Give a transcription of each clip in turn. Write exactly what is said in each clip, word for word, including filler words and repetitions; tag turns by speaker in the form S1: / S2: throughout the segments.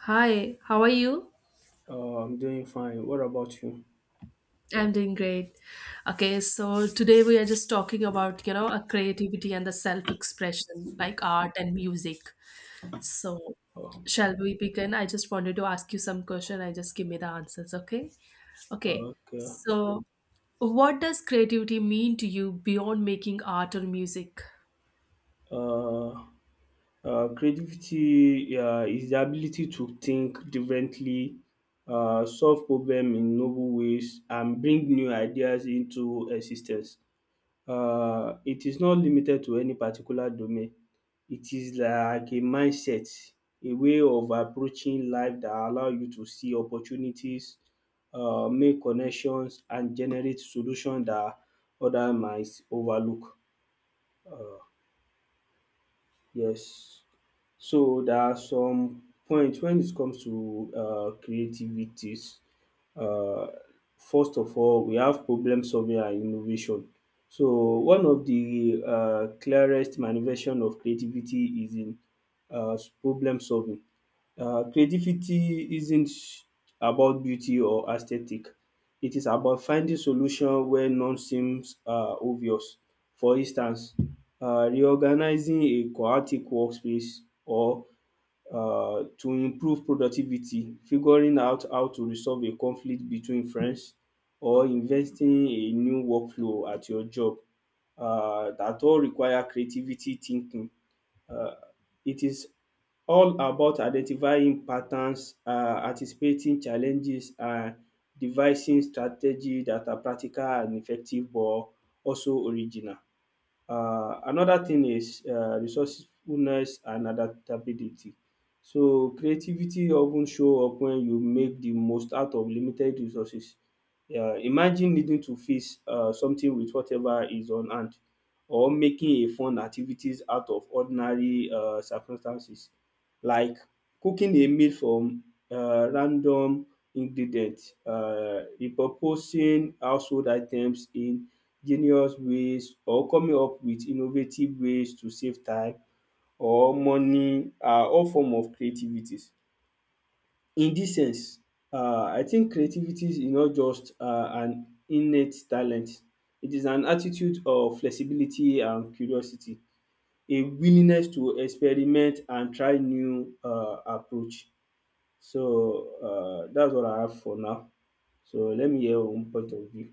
S1: Hi, how are you?
S2: Uh, I'm doing fine. What about you?
S1: I'm doing great. Okay, so today we are just talking about, you know, a creativity and the self-expression, like art and music. So,
S2: Oh,
S1: shall we begin? I just wanted to ask you some question. I just give me the answers, okay? Okay.
S2: okay.
S1: So, what does creativity mean to you beyond making art or music?
S2: Uh, uh, creativity uh, is the ability to think differently, uh, solve problems in novel ways, and bring new ideas into existence. Um it is not limited to any particular domain. It is like a mindset, a way of approaching life that allow you to see opportunities, um make connections and generate solution that other might overlook. Yes. So there are some points when it comes to uh, creativities. Uh, First of all, we have problem solving and innovation. So one of the uh, clearest manifestation of creativity is in uh, problem solving. Uh, creativity isn't about beauty or aesthetic. It is about finding solution where none seems um obvious. For instance, um reorganizing a chaotic workspace or um to improve productivity, figuring out how to resolve a conflict between friends or investing a new workflow at your job um that all require creativity thinking. um It is all about identifying patterns, um anticipating challenges and devising strategies that are practical and effective but also original. Uh, another thing is uh, resourcefulness and adaptability. So creativity often show up when you make the most out of limited resources. Uh, imagine needing to fix uh, something with whatever is on hand, or making a fun activities out of ordinary uh, circumstances, like cooking a meal from uh, random ingredients, uh, repurposing household items in genius ways or coming up with innovative ways to save time or money are all form of creativities. In this sense, um I think creativity is not just um an innate talent, it is an attitude of flexibility and curiosity, a willingness to experiment and try new um approach. So um dats what I have for now. So let me hear your own point of view.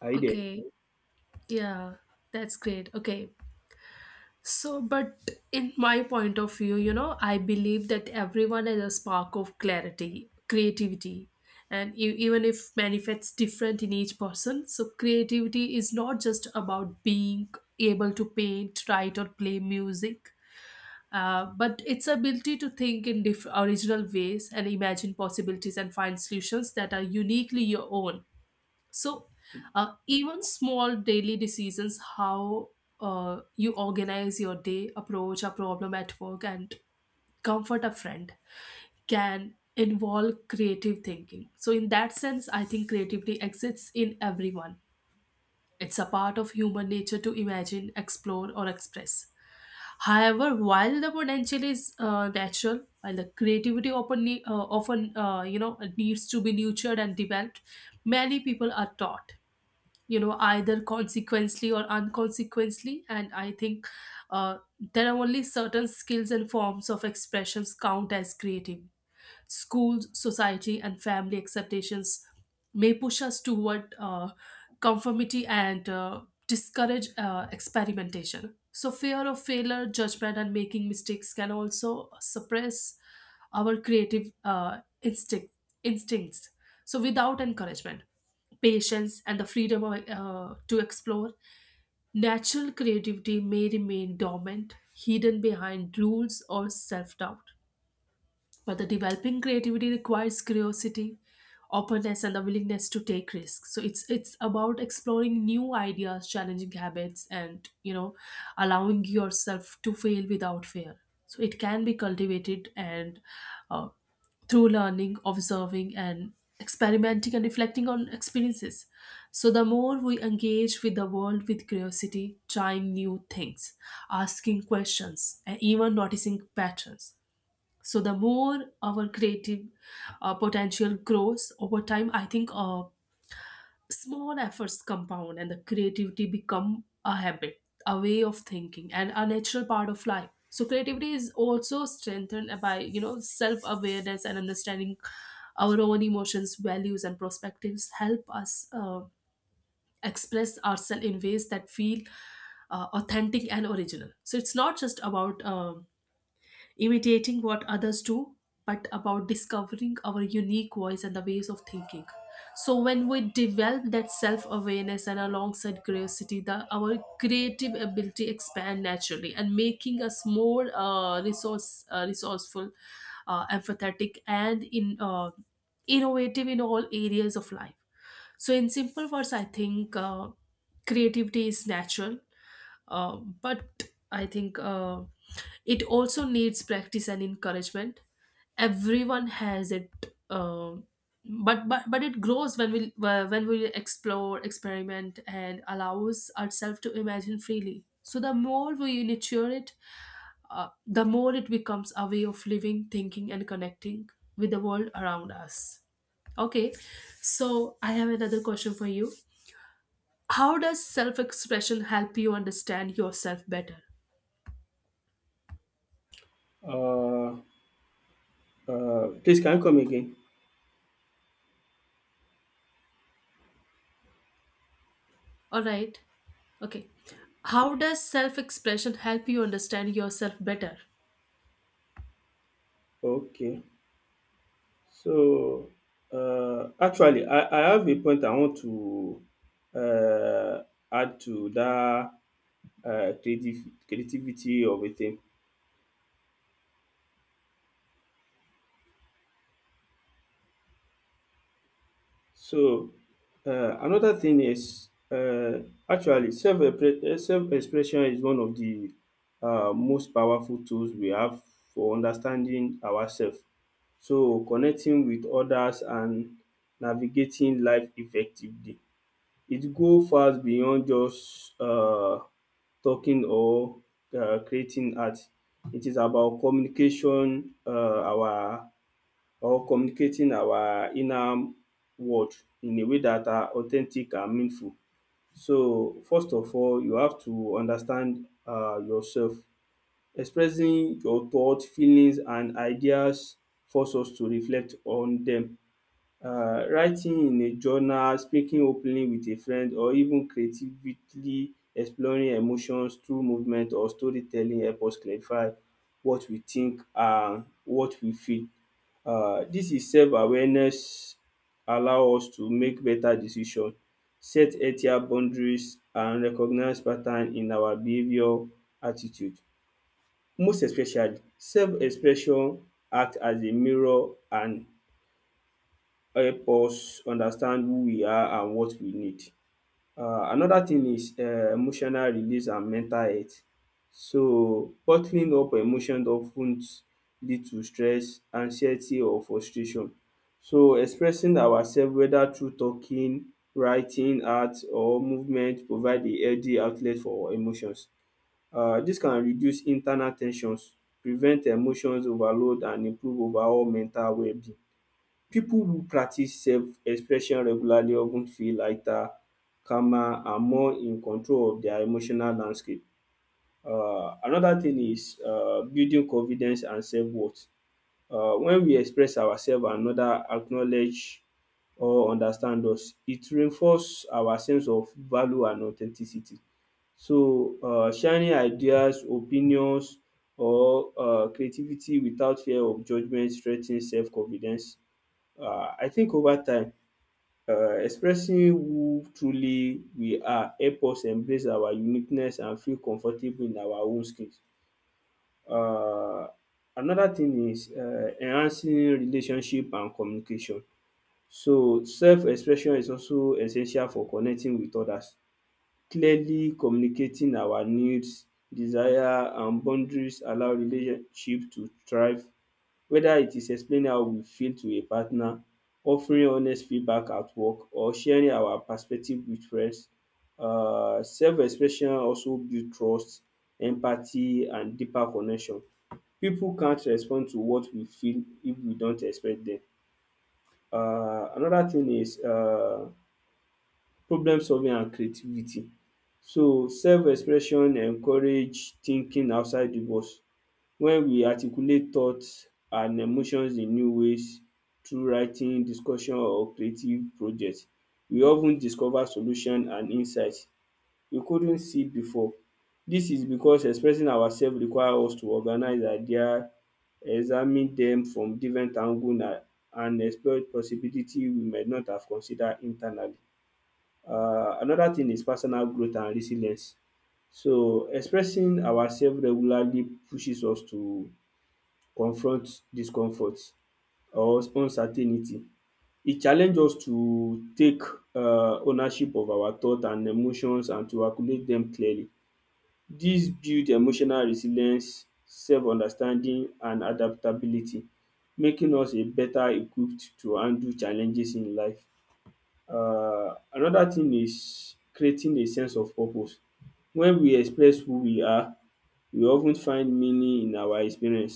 S2: Are you there?
S1: Okay. Yeah, that's great. Okay. So, but in my point of view, you know, I believe that everyone has a spark of clarity, creativity, and e- even if manifests different in each person, so creativity is not just about being able to paint, write, or play music. Uh, but its ability to think in diff- original ways and imagine possibilities and find solutions that are uniquely your own, so, uh, even small daily decisions, how uh, you organize your day, approach a problem at work, and comfort a friend can involve creative thinking. So, in that sense, I think creativity exists in everyone. It's a part of human nature to imagine, explore, or express. However, while the potential is uh, natural, while the creativity often, ne- uh, often uh, you know needs to be nurtured and developed, many people are taught you know either consequently or unconsequently, and I think uh, there are only certain skills and forms of expressions count as creative. Schools, society, and family acceptations may push us toward uh, conformity and uh, discourage uh, experimentation. So, fear of failure, judgment, and making mistakes can also suppress our creative uh, instinct, instincts. So, without encouragement, patience, and the freedom of, uh, to explore, natural creativity may remain dormant, hidden behind rules or self doubt. But the developing creativity requires curiosity, openness, and the willingness to take risks. So it's it's about exploring new ideas, challenging habits, and you know, allowing yourself to fail without fear. So it can be cultivated and uh, through learning, observing, and experimenting and reflecting on experiences. So, the more we engage with the world with curiosity, trying new things, asking questions, and even noticing patterns, so the more our creative uh, potential grows over time. I think uh, small efforts compound and the creativity become a habit, a way of thinking and a natural part of life. So creativity is also strengthened by you know self awareness, and understanding our own emotions, values and perspectives help us uh, express ourselves in ways that feel uh, authentic and original. So it's not just about um imitating what others do, but about discovering our unique voice and the ways of thinking. So when we develop that self-awareness and alongside curiosity, the our creative ability expand naturally and making us more uh, resource uh, resourceful, uh, empathetic, and in uh, innovative in all areas of life. So in simple words, I think uh, creativity is natural, uh, but I think uh, it also needs practice and encouragement. Everyone has it, uh, but but but it grows when we when we explore, experiment, and allows ourselves to imagine freely. So the more we nurture it, uh, the more it becomes a way of living, thinking, and connecting with the world around us. Okay, so I have another question for you. How does self expression help you understand yourself better?
S2: um um Please can you come again?
S1: All right. Okay. How does self expression help you understand yourself better?
S2: Okay. So, uh, actually, I, I have a point I want to uh, add to that uh, creative, creativity of a thing. So, uh, another thing is uh, actually self self expression is one of the uh, most powerful tools we have for understanding ourselves. So, connecting with others and navigating life effectively. It go far beyond just um talking or um creating art. It is about communication um our or communicating our inner world in a way that are authentic and meaningful. So first of all you have to understand um yourself. Expressing your thought, feelings and ideas force us to reflect on dem. Um writing in a journal, speaking openly with a friend or even creatively exploring emotions through movement or storytelling help us clarify what we think and what we feel. um Dis is self-awareness allow us to make better decision, set healthier boundaries and recognize pattern in our behaviour attitude. Most especially self-expression act as a mirror and help us understand who we are and what we need. um Another thing is um emotional release and mental health. So bottling up emotions of ten lead to stress, anxiety or frustration. So expressing ourself whether through talking, writing, art or movement provide a healthy outlet for emotions. um Dis can reduce internal ten sions, prevent emotions overload and improve overall mental wellbeing. People who practice self-expression regularly of ten feel lighter, calmer and more in control of their emotional landscape. um Another thing is um building confidence and self-worth. um When we express ourselves and others acknowledge or understand us, it reinforce our sense of value and authenticity. So um sharing ideas, opinions or um creativity without fear of judgement strengthen self-confidence. um I think over time um expressing who truly we are help us embrace our uniqueness and feel comfortable in our own skins. um Another thing is um enhancing relationship and communication. So self-expression is also essential for connecting with others. Clearly communicating our needs, desire and boundaries allow relationship to thrive whether it is explaining how we feel to a partner, offering honest feedback at work or sharing our perspective with friends. um Self-expression also build trust, empathy and deeper connection. Pipu can't respond to what we feel if we don't express dem. um Another thing is um problem solving and creativity. So self-expression encourage thinking outside the box when we articulate thoughts and emotions in new ways through writing, discussion or creative project, we of ten discover solution and insight we couldn't see before. Dis is because expressing ourself require us to organize idea, examine dem from different angle and and explore possibility we might not have consider internally. um Another thing is personal growth and resilience. So expressing ourself regularly pushes us to confront discomfort or uncertainty. E challenge us to take um ownership of our thought and emotions and to calculate dem clearly. Dis build emotional resilience, self-understanding and adaptability making us a better equipped to handle challenges in life. Um another thing is creating a sense of purpose. When we express who we are, we of ten find meaning in our experience.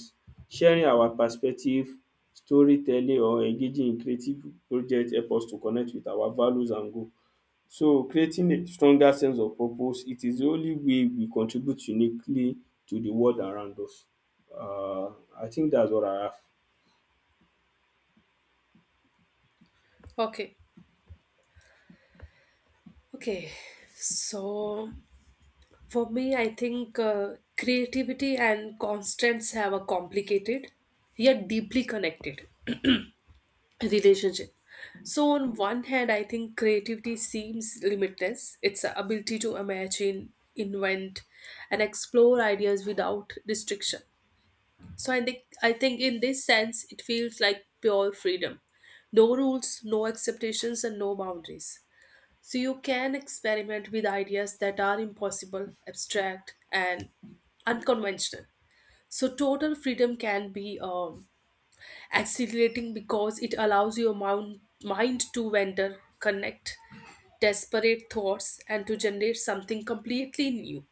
S2: Sharing our perspective, storytelling or engaging in creative project help us to connect with our values and goal. So creating a stronger sense of purpose, it is the only way we contribute uniquely to the world around us. um I think that's all I have.
S1: Okay. Okay. So for me, I think uh, creativity and constants have a complicated yet deeply connected relationship. So on one hand, I think creativity seems limitless. It's ability to imagine, invent, and explore ideas without restriction. So I think I think in this sense it feels like pure freedom. No rules, no expectations and no boundaries. So you can experiment with ideas that are impossible, abstract and unconventional. So total freedom can be um, exhilarating because it allows your moun- mind to wander, connect desperate thoughts and to generate something completely new.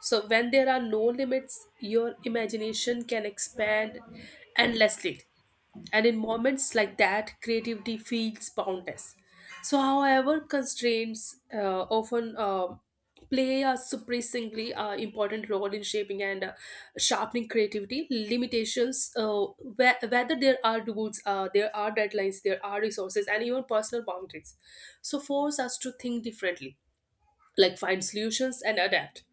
S1: So, when there are no limits, your imagination can expand endlessly. And in moments like that, creativity feels boundless. So, however, constraints uh, often uh, play a surprisingly uh, important role in shaping and uh, sharpening creativity. Limitations, uh, whe- whether there are rules, uh, there are deadlines, there are resources, and even personal boundaries. So, force us to think differently, like find solutions and adapt.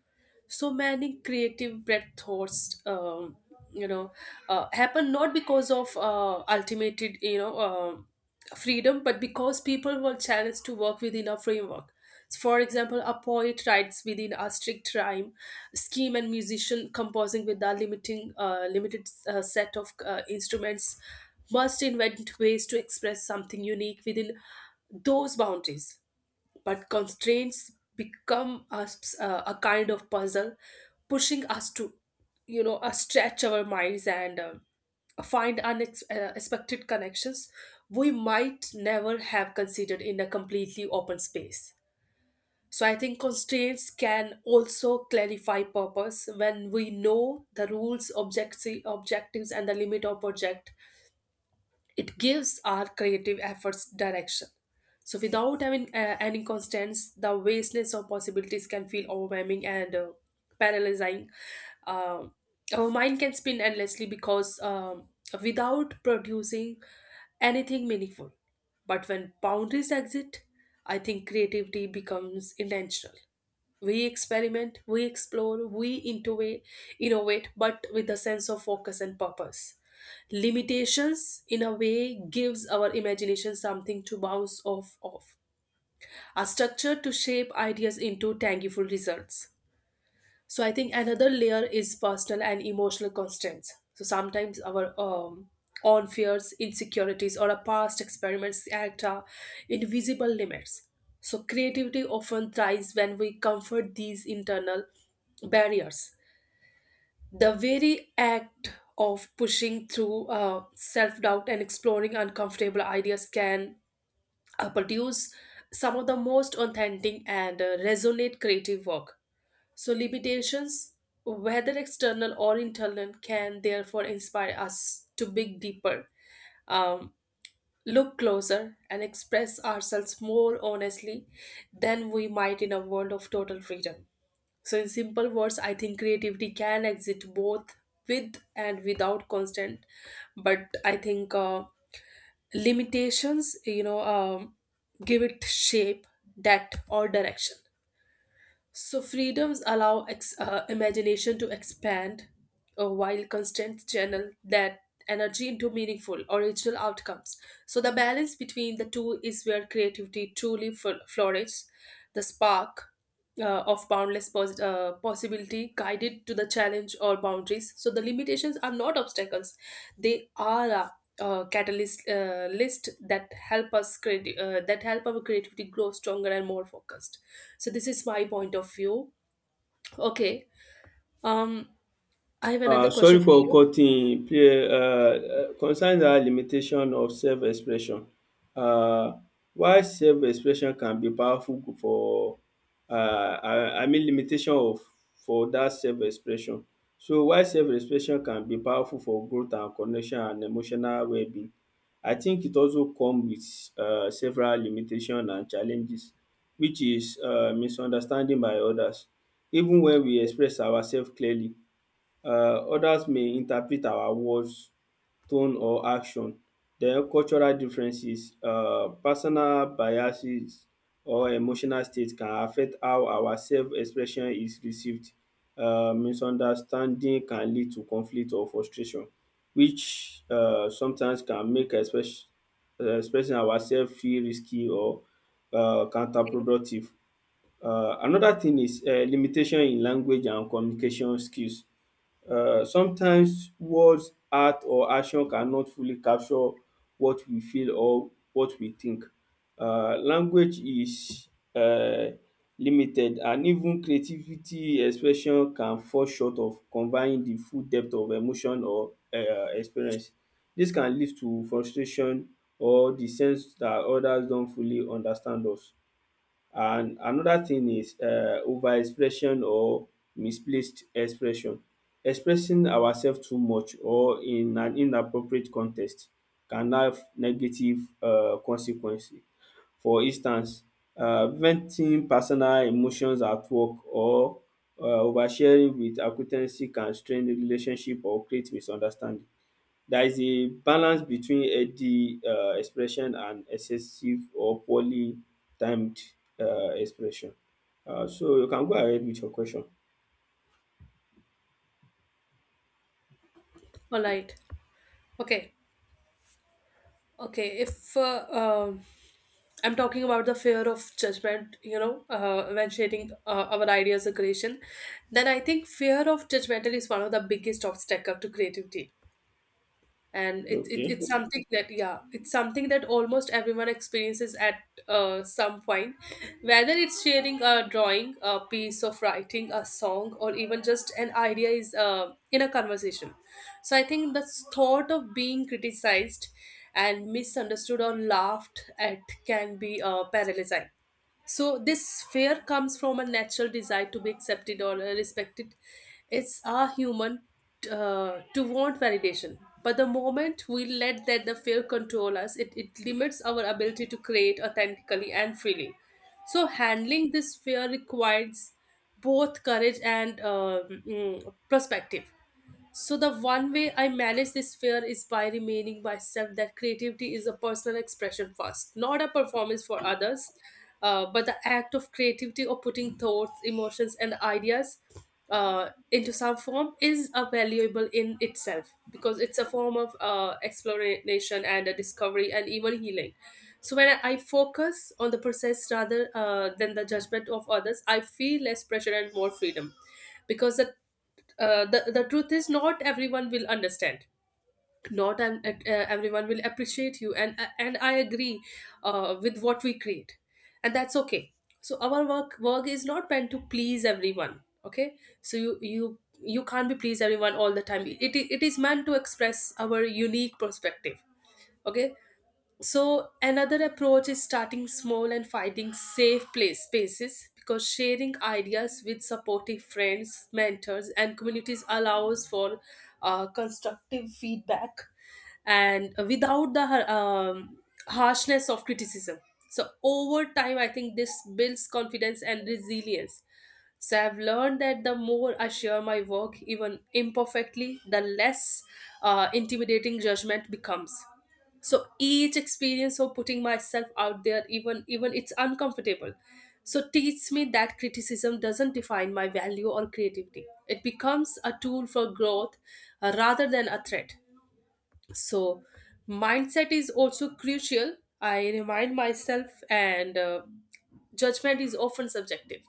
S1: So many creative breakthroughs um, you know uh, happen not because of uh, ultimate you know um freedom but because people were challenged to work within a framework. For example, a poet writes within a strict rhyme scheme and musician composing with a limiting uh, limited uh, set of uh, instruments must invent ways to express something unique within those boundaries. But constraints become us uh, a kind of puzzle pushing us to you know uh, stretch our minds and um, find unexpected connections we might never have considered in a completely open space. So I think constraints can also clarify purpose. When we know the rules, objects objectives and the limit of project, it gives our creative efforts direction. So, without having uh, any constants, the vastness of possibilities can feel overwhelming and uh, paralyzing. Um our mind can spin endlessly because um, without producing anything meaningful. But when boundaries exist, I think creativity becomes intentional. We experiment, we explore, we innovate innovate, but with a sense of focus and purpose. Limitations in a way gives our imagination something to bounce off of, a structure to shape ideas into tangible results. So I think another layer is personal and emotional constraints. So sometimes our um, own fears, insecurities, or our past experiments act uh, invisible limits. So creativity often thrives when we comfort these internal barriers. The very act of pushing through uh, self doubt and exploring uncomfortable ideas can uh, produce some of the most authentic and uh, resonate creative work. So limitations, whether external or internal, can therefore inspire us to dig deeper, um, look closer, and express ourselves more honestly than we might in a world of total freedom. So, in simple words, I think creativity can exist both with and without constant, but I think uh, limitations, you know, um, give it shape, depth, or direction. So freedoms allow ex- uh, imagination to expand, uh, while constraints channel that energy into meaningful, original outcomes. So the balance between the two is where creativity truly fl- flourishes. The spark uh, of boundless pos- uh, possibility guided to the challenge or boundaries. So the limitations are not obstacles; they are a uh, catalyst uh, list that help us create uh, that help our creativity grow stronger and more focused. So this is my point of view. Okay. um I have
S2: um
S1: another
S2: Sorry
S1: question for
S2: for
S1: you.
S2: cutting. Um concerning dat limitation of self expression, um why self expression can be powerful for um I I mean limitation of for dat self expression. So why self expression can be powerful for growth and connection and emotional wellbeing. I think it also come with um several limitation and challenges, which is um misunderstanding by others. Even when we express ourself clearly, um others may interpret our words, tone or action. Then cultural differences, um personal biases or emotional state can affect how our self expression is received. um Misunderstanding can lead to conflict or frustration which um sometimes can make express uh, expressing ourself feel risky or um
S1: Okay.
S2: counterproductive. um Another thing is um limitation in language and communication skills. Um sometimes words, art or action cannot fully capture what we feel or what we think. um Language is um limited and even creativity expression can fall short of conveying the full depth of emotion or um experience. Dis can lead to frustration or the sense dat others don't fully understand us. And another thing is um overexpression or misplaced expression. Expressing ourselves too much or in an inappropriate context can have negative um consequences. For instance, um venting personal emotions at work or um oversharing with acquaintances can strain the relationship or create misunderstanding. There is a balance between healthy um expression and excessive or poorly timed um expression. um So you can go ahead with your question.
S1: All right. Okay. Okay, if uh, um I'm talking about the fear of judgment, you know, uh, when sharing uh, our ideas or creation. Then I think fear of judgmental is one of the biggest obstacle to creativity, and it, it
S2: Okay.
S1: it's something that yeah, it's something that almost everyone experiences at uh, some point, whether it's sharing a drawing, a piece of writing, a song or even just an idea is uh, in a conversation. So I think the thought of being criticized and misunderstood or laughed at can be uh, paralyzing. So this fear comes from a natural desire to be accepted or uh, respected. It's our human uh, to want validation. But the moment we let that the fear control us, it, it limits our ability to create authentically and freely. So handling this fear requires both courage and um, mm, perspective. So the one way I manage this fear is by remaining myself that creativity is a personal expression first, not a performance for others, uh, but the act of creativity or putting thoughts, emotions, and ideas uh, into some form is a valuable in itself, because it's a form of uh, exploration and a discovery and even healing. So when I I focus on the process rather uh, than the judgment of others, I feel less pressure and more freedom, because the uh, the the truth is not everyone will understand, not um, uh, uh, everyone will appreciate you and uh, and I agree uh, with what we create, and that's okay. So our work work is not meant to please everyone, okay? So you you you can't be please everyone all the time. It, it is meant to express our unique perspective, okay? So another approach is starting small and finding safe place spaces, because sharing ideas with supportive friends, mentors, and communities allows for uh, constructive feedback and without the um, harshness of criticism. So over time, I think this builds confidence and resilience. So I've learned that the more I share my work, even imperfectly, the less uh, intimidating judgment becomes. So each experience of putting myself out there, even even it's uncomfortable, so teaches me that criticism doesn't define my value or creativity. It becomes a tool for growth uh, rather than a threat. So mindset is also crucial. I remind myself, and uh, judgment is often subjective.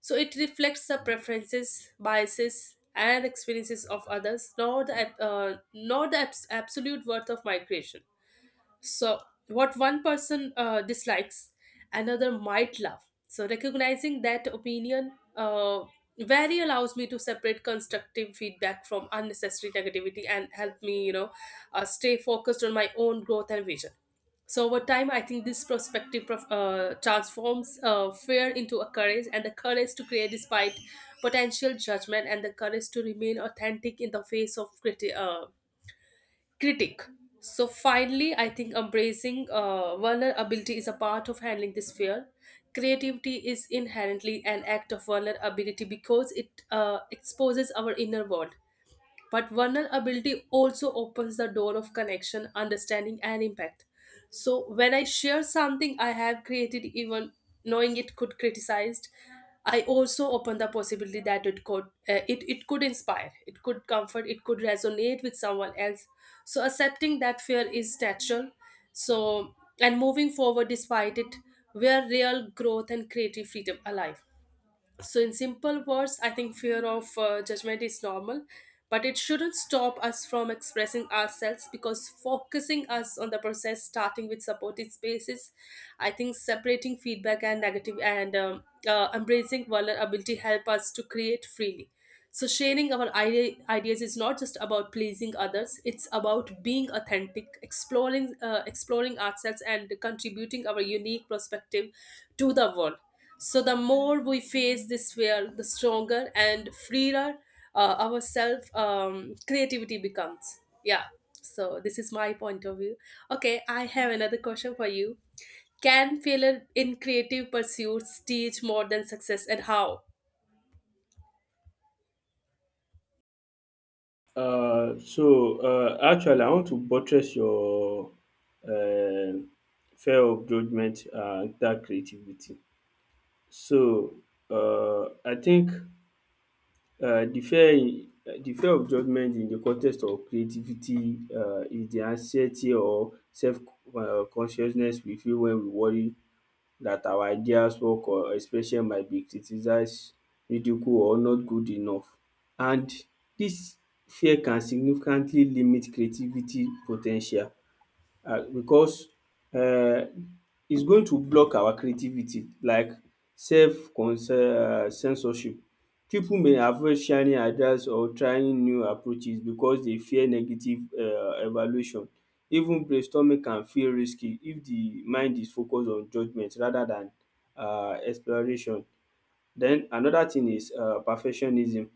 S1: So it reflects the preferences, biases, and experiences of others, nor the ab- uh, nor the abs- absolute worth of my creation. So, what one person uh, dislikes, another might love. So, recognizing that opinion, uh, very, allows me to separate constructive feedback from unnecessary negativity and help me, you know, uh, stay focused on my own growth and vision. So, over time, I think this perspective prof- uh, transforms uh, fear into a courage, and the courage to create despite potential judgment, and the courage to remain authentic in the face of criti- uh, critic. So finally, I think embracing uh, vulnerability is a part of handling this fear. Creativity is inherently an act of vulnerability because it uh, exposes our inner world. But vulnerability also opens the door of connection, understanding, and impact. So when I share something I have created, even knowing it could criticized, I also open the possibility that it could uh, it it could inspire, it could comfort, it could resonate with someone else. So accepting that fear is natural. So and moving forward despite it, where real growth and creative freedom alive. So, in simple words, I think fear of uh, judgment is normal, but it shouldn't stop us from expressing ourselves. Because focusing us on the process, starting with supportive spaces, I think separating feedback and negative and um, uh, embracing vulnerability help us to create freely. So sharing our idea, ideas is not just about pleasing others; it's about being authentic, exploring uh, exploring ourselves, and contributing our unique perspective to the world. So the more we face this fear, the stronger and freer uh, our self um, creativity becomes. Yeah. So this is my point of view. Okay, I have another question for you. Can failure in creative pursuits teach more than success, and how?
S2: Um so um actually I want to buttress your um fear of judgement and dat creativity. So um I think um the fear in uh, the fear of judgement in the context of creativity um is the anxiety or self um consciousness we feel when we worry that our ideas, work or expression might be criticized, ridiculed or not good enough, and dis fear can significantly limit creativity po ten tial uh, because um it's going to block our creativity like self um censorship. Pipu may avoid sharing ideas or trying new approaches because dey fear negative um evaluation. Even brainstorming can feel risky if the mind is focus on judgement rather than um exploration. Then another thing is um perfectionism.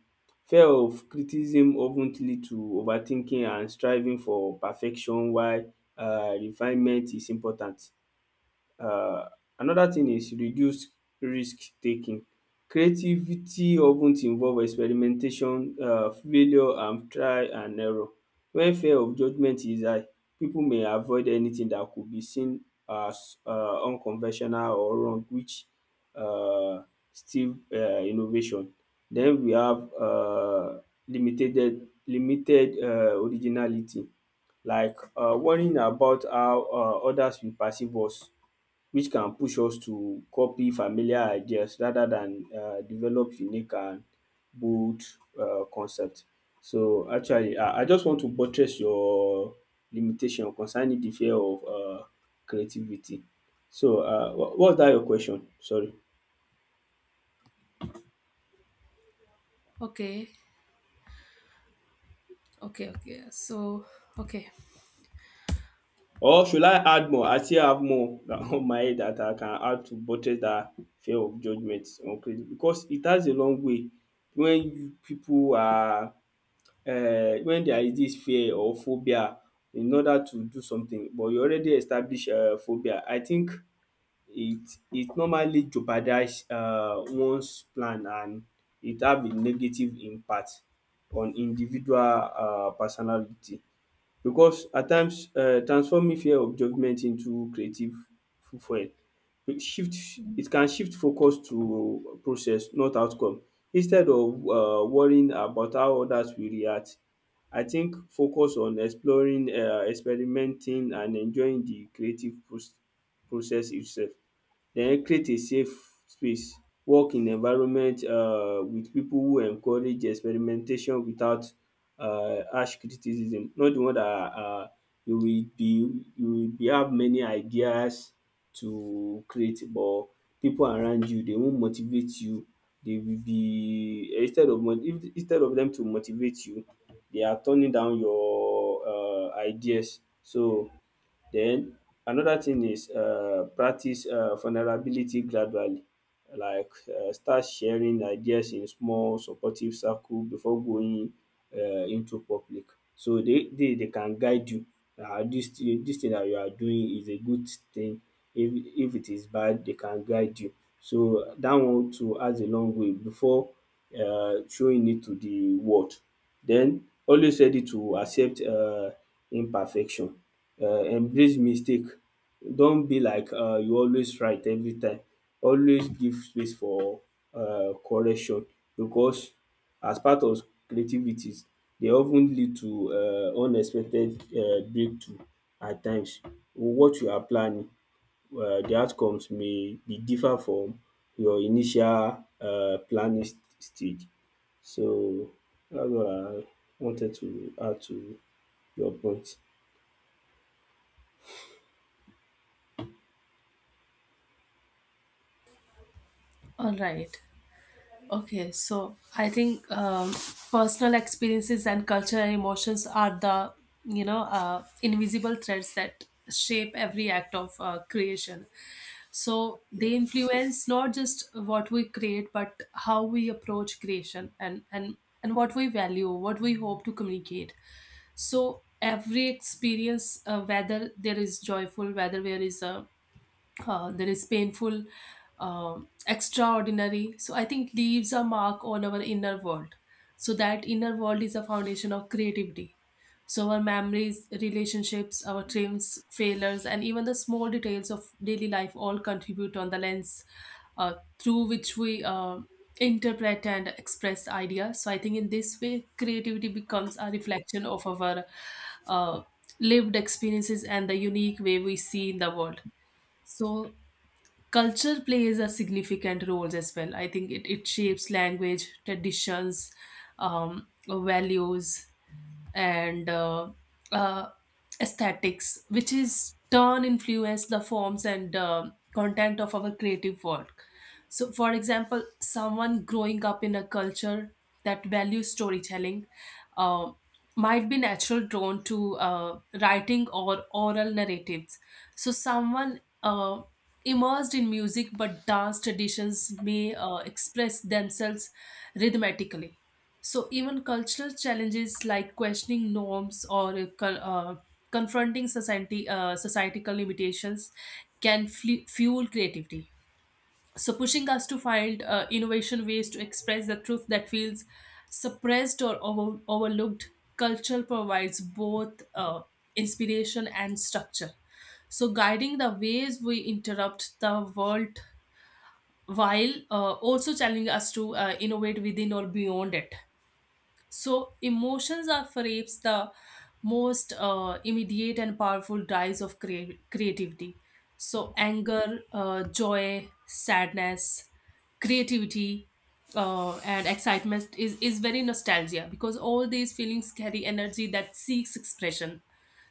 S2: Fear of criticism of ten lead to overthinking and striving for perfection while um refinement is important. um Another thing is reduce risk taking. Creativity often ten involve experimentation, um failure and try and error. When fear of judgement is high, people may avoid anything that could be seen as um unconventional or wrong which um still um innovation. Then we have um limited limited um originality, like um worrying about how um others will perceive us which can push us to copy familiar ideas rather than um develop unique and bold um concept. So actually I I just want to buttress your limitation concerning de fear of um creativity. So um what's dat your question? Sorry,
S1: Okay. Okay, okay. So, okay.
S2: or should I add more? I still have more on my head dat I can add to buttress dat fear of judgement on creative because it has a long way when pipu are um when there is this fear or phobia in order to do something but you already establish um phobia. I think it it normally jeopardize um one's plan and it have a negative impact on individual um personality. Because at times um transforming fear of judgement into creative fuel. It shift it can shift focus to process not outcome. Instead of um worrying about how others will react, I think focus on exploring, um experimenting and enjoying the creative proc- process itself. Den create a safe space. Work in environment um with pipu who encourage experimentation without um harsh criticism. Not the one dat are you will be you will be have many ideas to create but pipu around you dey won motivate you. They will be instead of mo- if- instead of dem to motivate you, they are turning down your um ideas. So then another thing is um practice um vulnerability gradually, like um start sharing ideas in small supportive circle before going um into public. So they they they can guide you. Um this thing dis thing dat you are doing is a good thing, if if it is bad they can guide you. So dat one too has a long way before um showing it to the world. Then always ready to accept um imperfection, um embrace mistake. Don't be like um you always right every time; always give space for uh, correction because as part of creativities they often lead to uh, unexpected uh, breakthrough at times. What you are planning, um the outcomes may be differ from your initial uh, planning st- stage. So that's what I wanted to add to your point.
S1: All right. Okay, so I think um, personal experiences and cultural emotions are the, you know, uh, invisible threads that shape every act of uh, creation. So they influence not just what we create, but how we approach creation, and and and what we value, what we hope to communicate. So every experience, uh, whether there is joyful, whether there is a uh, there is painful, um, extraordinary. So I think leaves a mark on our inner world. So that inner world is a foundation of creativity. So our memories, relationships, our dreams, failures, and even the small details of daily life all contribute on the lens uh, through which we uh, interpret and express ideas. So I think in this way, creativity becomes a reflection of our uh, lived experiences and the unique way we see in the world. So culture plays a significant role as well. I think it, it shapes language, traditions, um, values and uh, uh, aesthetics, which is turn influence the forms and uh, content of our creative work. So, for example, someone growing up in a culture that values storytelling uh, might be natural drawn to uh, writing or oral narratives. So, someone uh, immersed in music but dance traditions may uh, express themselves rhythmically. So even cultural challenges like questioning norms or uh, cul- uh, confronting society uh, societal limitations can fle- fuel creativity. So pushing us to find uh, innovation ways to express the truth that feels suppressed or over- overlooked. Culture provides both uh, inspiration and structure. So guiding the ways we interrupt the world while uh, also challenging us to uh, innovate within or beyond it. So, emotions are perhaps the most uh, immediate and powerful drives of crea- creativity. So, anger, uh, joy, sadness, creativity, uh, and excitement is, is very nostalgia, because all these feelings carry energy that seeks expression.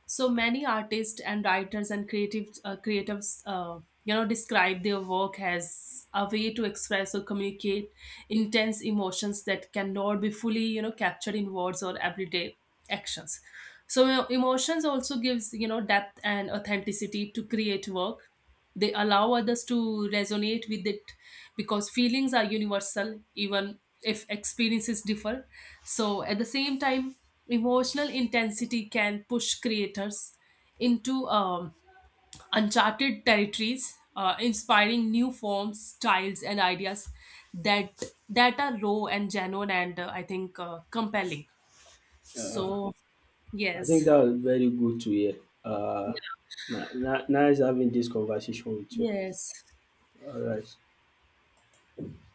S1: So many artists and writers and creative uh, creatives uh, you know describe their work as a way to express or communicate intense emotions that cannot be fully, you know captured in words or everyday actions. So, you know, emotions also gives, you know depth and authenticity to create work. They allow others to resonate with it because feelings are universal, even if experiences differ. So at the same time, emotional intensity can push creators into um, uncharted territories, uh, inspiring new forms, styles, and ideas that that are raw and genuine and, uh, I think, uh, compelling.
S2: um
S1: so
S2: I think
S1: yes
S2: that was very good to hear. Uh,
S1: yeah,
S2: ni ni- Nice having this conversation with you.
S1: Yes.
S2: All right.